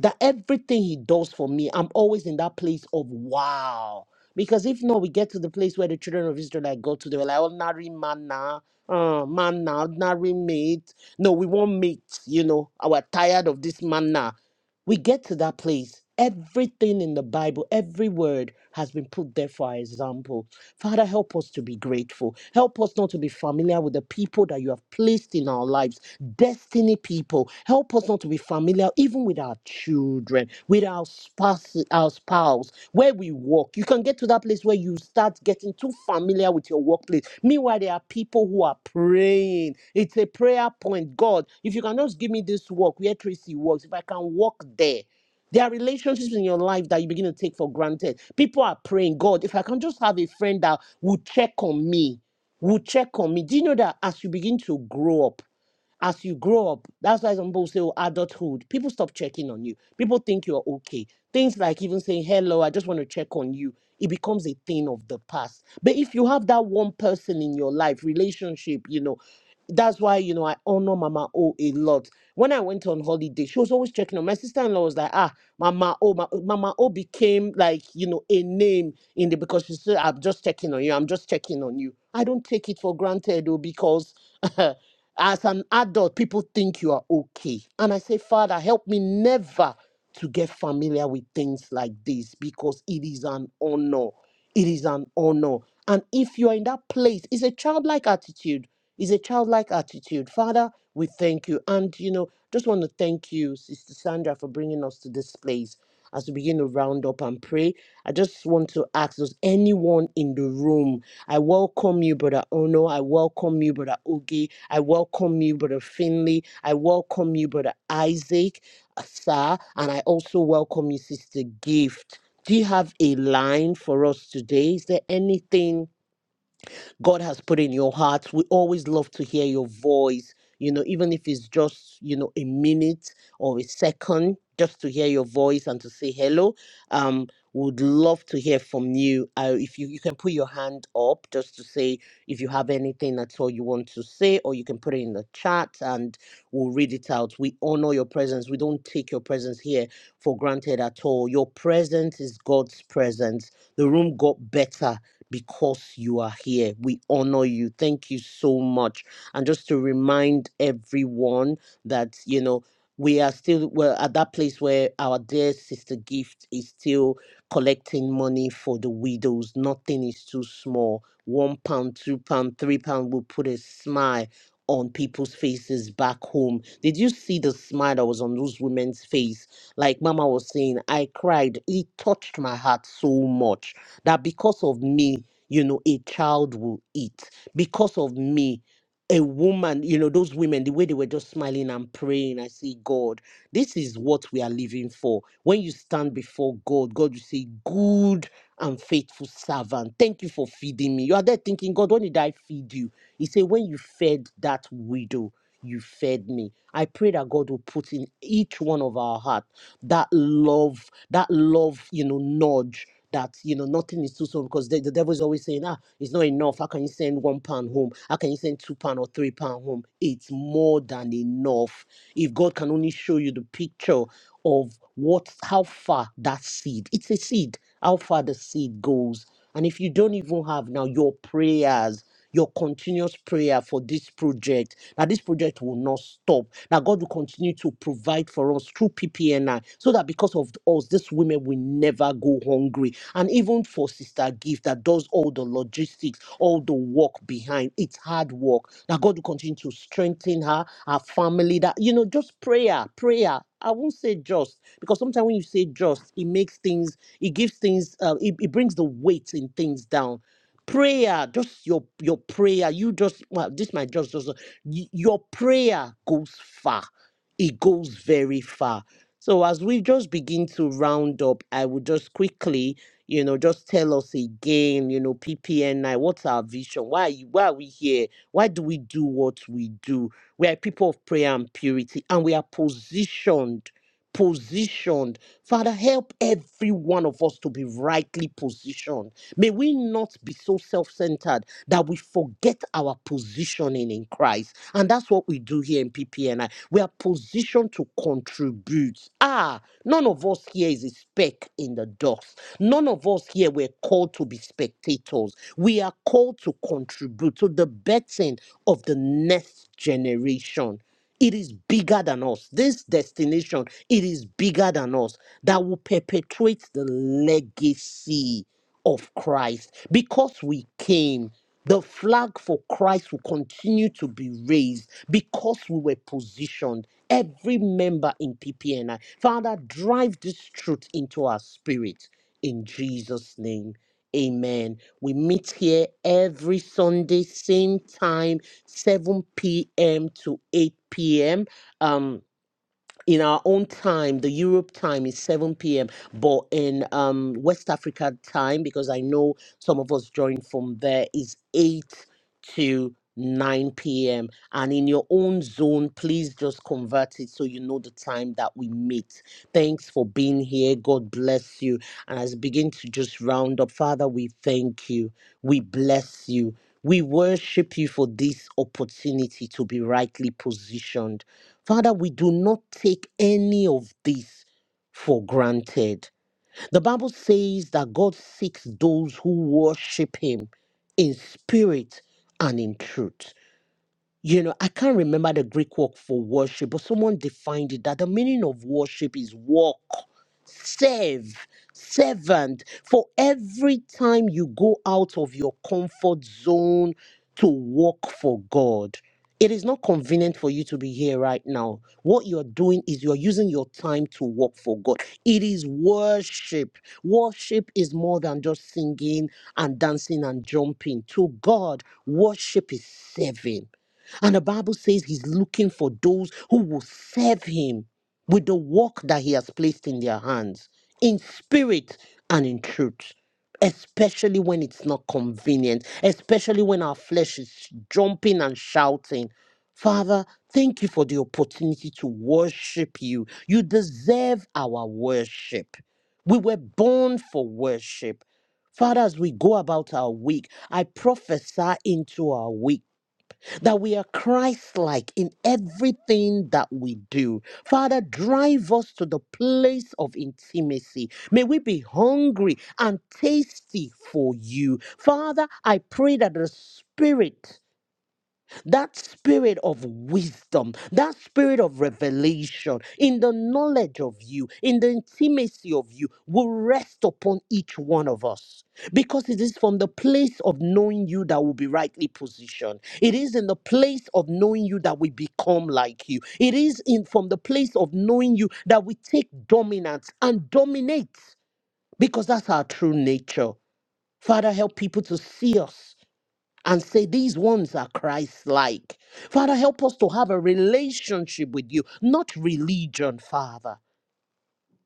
that everything he does for me, I'm always in that place of wow. Because if not, we get to the place where the children of Israel like go to, they were like, ordinary manna, uh, manna, ordinary meat. No, we want meat, you know, I are tired of this manna. We get to that place. Everything in the Bible, every word has been put there for our example. Father, help us to be grateful. Help us not to be familiar with the people that you have placed in our lives, destiny people. Help us not to be familiar even with our children, with our spouse, our spouse, where we work. You can get to that place where you start getting too familiar with your workplace. Meanwhile, there are people who are praying. It's a prayer point. God, if you can just give me this work where Tracy works, if I can work there. There are relationships in your life that you begin to take for granted. People are praying, God, if I can just have a friend that will check on me, will check on me. Do you know that as you begin to grow up, as you grow up, that's why some people say, oh, adulthood, people stop checking on you. People think you're okay. Things like even saying, hello, I just want to check on you, it becomes a thing of the past. But if you have that one person in your life, relationship, you know, that's why, you know, I honor Mama O a lot. When I went on holiday, she was always checking on my sister in law, was like, ah, Mama O, Ma- Mama O became like, you know, a name in the because she said, I'm just checking on you, I'm just checking on you. I don't take it for granted, though, because. As an adult, people think you are okay. And I say, Father, help me never to get familiar with things like this because it is an honor. It is an honor. And if you are in that place, it's a childlike attitude. It's a childlike attitude. Father, we thank you. And, you know, just want to thank you, Sister Sandra, for bringing us to this place as we begin to round up and pray. I just want to ask, does anyone in the room? I welcome you, Brother Ono. I welcome you, Brother Oge. I welcome you, Brother Finley. I welcome you, Brother Isaac, uh, sir. And I also welcome you, Sister Gift. Do you have a line for us today? Is there anything? God has put in your heart. We always love to hear your voice, you know, even if it's just, you know, a minute or a second, just to hear your voice and to say hello. Um, would love to hear from you. Uh, if you, you can put your hand up just to say if you have anything at all you want to say, or you can put it in the chat and we'll read it out. We honor your presence. We don't take your presence here for granted at all. Your presence is God's presence. The room got better because you are here. We honor you. Thank you so much. And just to remind everyone that, you know, we are still we're at that place where our dear sister gift is still collecting money for the widows. Nothing is too small. One pound, two pound, three pound will put a smile on people's faces back home. Did you see the smile that was on those women's face? Like Mama was saying, I cried. It touched my heart so much that because of me, you know, a child will eat. Because of me, a woman, you know, those women, the way they were just smiling and praying, I say, God, this is what we are living for. When you stand before God, God will say, Good and faithful servant, thank you for feeding me. You are there thinking, God, when did I feed you? He said, When you fed that widow, you fed me. I pray that God will put in each one of our heart that love, that love, you know, nudge that you know nothing is too soon because the, the devil is always saying ah it's not enough how can you send one pound home how can you send two pound or three pound home it's more than enough if god can only show you the picture of what how far that seed it's a seed how far the seed goes and if you don't even have now your prayers your continuous prayer for this project, that this project will not stop, that God will continue to provide for us through PPNI, so that because of us, these women will never go hungry. And even for Sister Gift, that does all the logistics, all the work behind, it's hard work, that God will continue to strengthen her, her family, that, you know, just prayer, prayer. I won't say just because sometimes when you say just, it makes things, it gives things, uh, it, it brings the weight in things down prayer just your your prayer you just well this might just just uh, y- your prayer goes far it goes very far so as we just begin to round up i will just quickly you know just tell us again you know ppni what's our vision why are you, why are we here why do we do what we do we are people of prayer and purity and we are positioned positioned father help every one of us to be rightly positioned May we not be so self centered that we forget our positioning in Christ. And that's what we do here in PPNI. We are positioned to contribute. Ah, none of us here is a speck in the dust. None of us here were called to be spectators. We are called to contribute to the betting of the next generation. It is bigger than us. This destination, it is bigger than us that will perpetuate the legacy of Christ. Because we came, the flag for Christ will continue to be raised because we were positioned, every member in PPNI. Father, drive this truth into our spirit in Jesus' name. Amen. We meet here every Sunday, same time, 7 p.m. to 8 p.m. Um, in our own time, the Europe time is 7 p.m., but in um, West Africa time, because I know some of us join from there, is 8 to 9 p.m. And in your own zone, please just convert it so you know the time that we meet. Thanks for being here. God bless you. And as we begin to just round up, Father, we thank you. We bless you. We worship you for this opportunity to be rightly positioned. Father, we do not take any of this for granted. The Bible says that God seeks those who worship Him in spirit and in truth you know, I can't remember the Greek word for worship, but someone defined it that the meaning of worship is walk, serve, servant. For every time you go out of your comfort zone to work for God, it is not convenient for you to be here right now. What you're doing is you're using your time to work for God. It is worship. Worship is more than just singing and dancing and jumping. To God, worship is serving. And the Bible says he's looking for those who will serve him with the work that he has placed in their hands, in spirit and in truth, especially when it's not convenient, especially when our flesh is jumping and shouting. Father, thank you for the opportunity to worship you. You deserve our worship. We were born for worship. Father, as we go about our week, I prophesy into our week that we are Christ like in everything that we do. Father, drive us to the place of intimacy. May we be hungry and tasty for you. Father, I pray that the Spirit that spirit of wisdom, that spirit of revelation, in the knowledge of you, in the intimacy of you, will rest upon each one of us. Because it is from the place of knowing you that will be rightly positioned. It is in the place of knowing you that we become like you. It is in from the place of knowing you that we take dominance and dominate because that's our true nature. Father, help people to see us and say, These ones are Christ like. Father, help us to have a relationship with you, not religion, Father.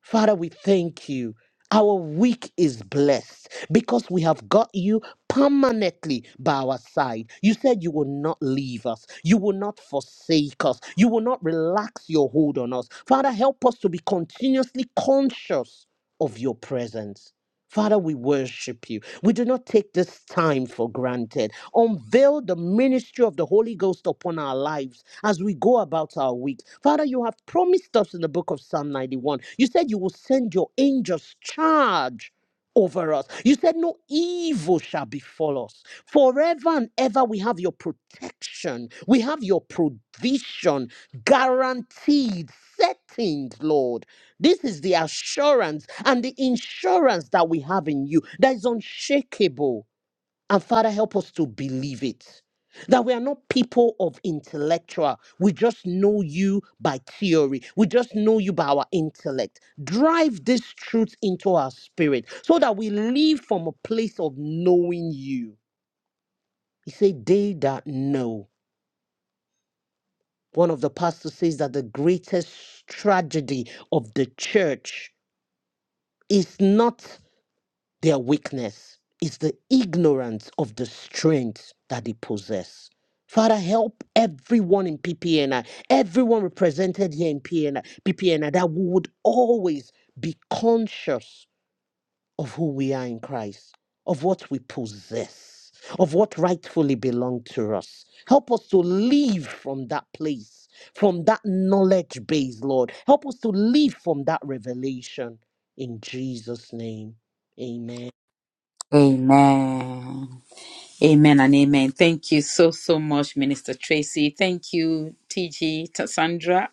Father, we thank you. Our week is blessed because we have got you permanently by our side. You said you will not leave us. You will not forsake us. You will not relax your hold on us. Father, help us to be continuously conscious of your presence. Father, we worship you. We do not take this time for granted. Unveil the ministry of the Holy Ghost upon our lives as we go about our week. Father, you have promised us in the book of Psalm 91. You said you will send your angels charge over us. You said no evil shall befall us. Forever and ever we have your protection. We have your provision guaranteed, settled, Lord. This is the assurance and the insurance that we have in you that is unshakable. And Father, help us to believe it. That we are not people of intellectual. We just know you by theory. We just know you by our intellect. Drive this truth into our spirit so that we live from a place of knowing you. He said, They that know. One of the pastors says that the greatest tragedy of the church is not Their weakness is the ignorance of the strength that they possess. Father, help everyone in PPNI, everyone represented here in PNI, PPNI, that we would always be conscious of who we are in Christ, of what we possess, of what rightfully belongs to us. Help us to live from that place, from that knowledge base, Lord. Help us to live from that revelation. In Jesus' name, Amen.
Amen. Amen and amen. Thank you so, so much, Minister Tracy. Thank you, TG, Tassandra.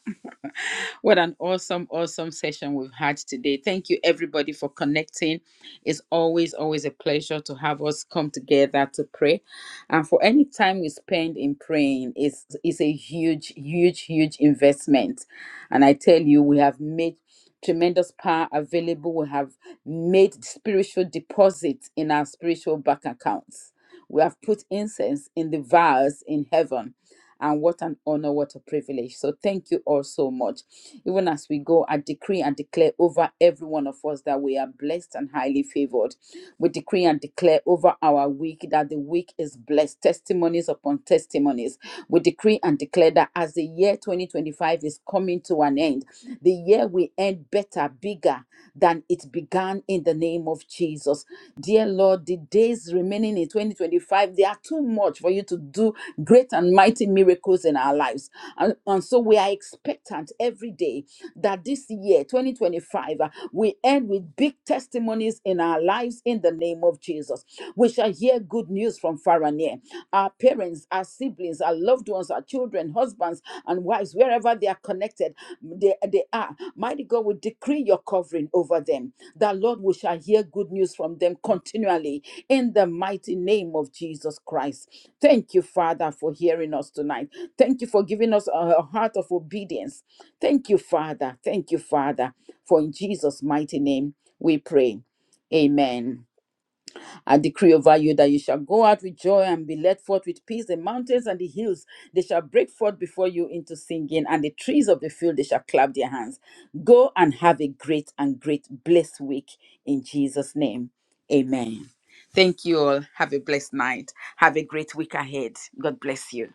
what an awesome, awesome session we've had today. Thank you, everybody, for connecting. It's always, always a pleasure to have us come together to pray. And for any time we spend in praying, it's, it's a huge, huge, huge investment. And I tell you, we have made tremendous power available. We have made spiritual deposits in our spiritual bank accounts we have put incense in the vase in heaven. And what an honor, what a privilege. So thank you all so much. Even as we go, I decree and declare over every one of us that we are blessed and highly favored. We decree and declare over our week that the week is blessed, testimonies upon testimonies. We decree and declare that as the year 2025 is coming to an end, the year we end better, bigger than it began man in the name of Jesus. Dear Lord, the days remaining in 2025, they are too much for you to do great and mighty miracles in our lives. And, and so we are expectant every day that this year, 2025, uh, we end with big testimonies in our lives in the name of Jesus. We shall hear good news from far and near. Our parents, our siblings, our loved ones, our children, husbands, and wives, wherever they are connected, they, they are. Mighty God, we decree your covering over them. That, Lord, we shall hear good news from them continually in the mighty name of Jesus Christ. Thank you, Father, for hearing us tonight. Thank you for giving us a a heart of obedience. Thank you, Father. Thank you, Father, for in Jesus' mighty name we pray. Amen. I decree over you that you shall go out with joy and be led forth with peace. The mountains and the hills, they shall break forth before you into singing, and the trees of the field, they shall clap their hands. Go and have a great and great blessed week in Jesus' name. Amen. Thank you all. Have a blessed night. Have a great week ahead. God bless you.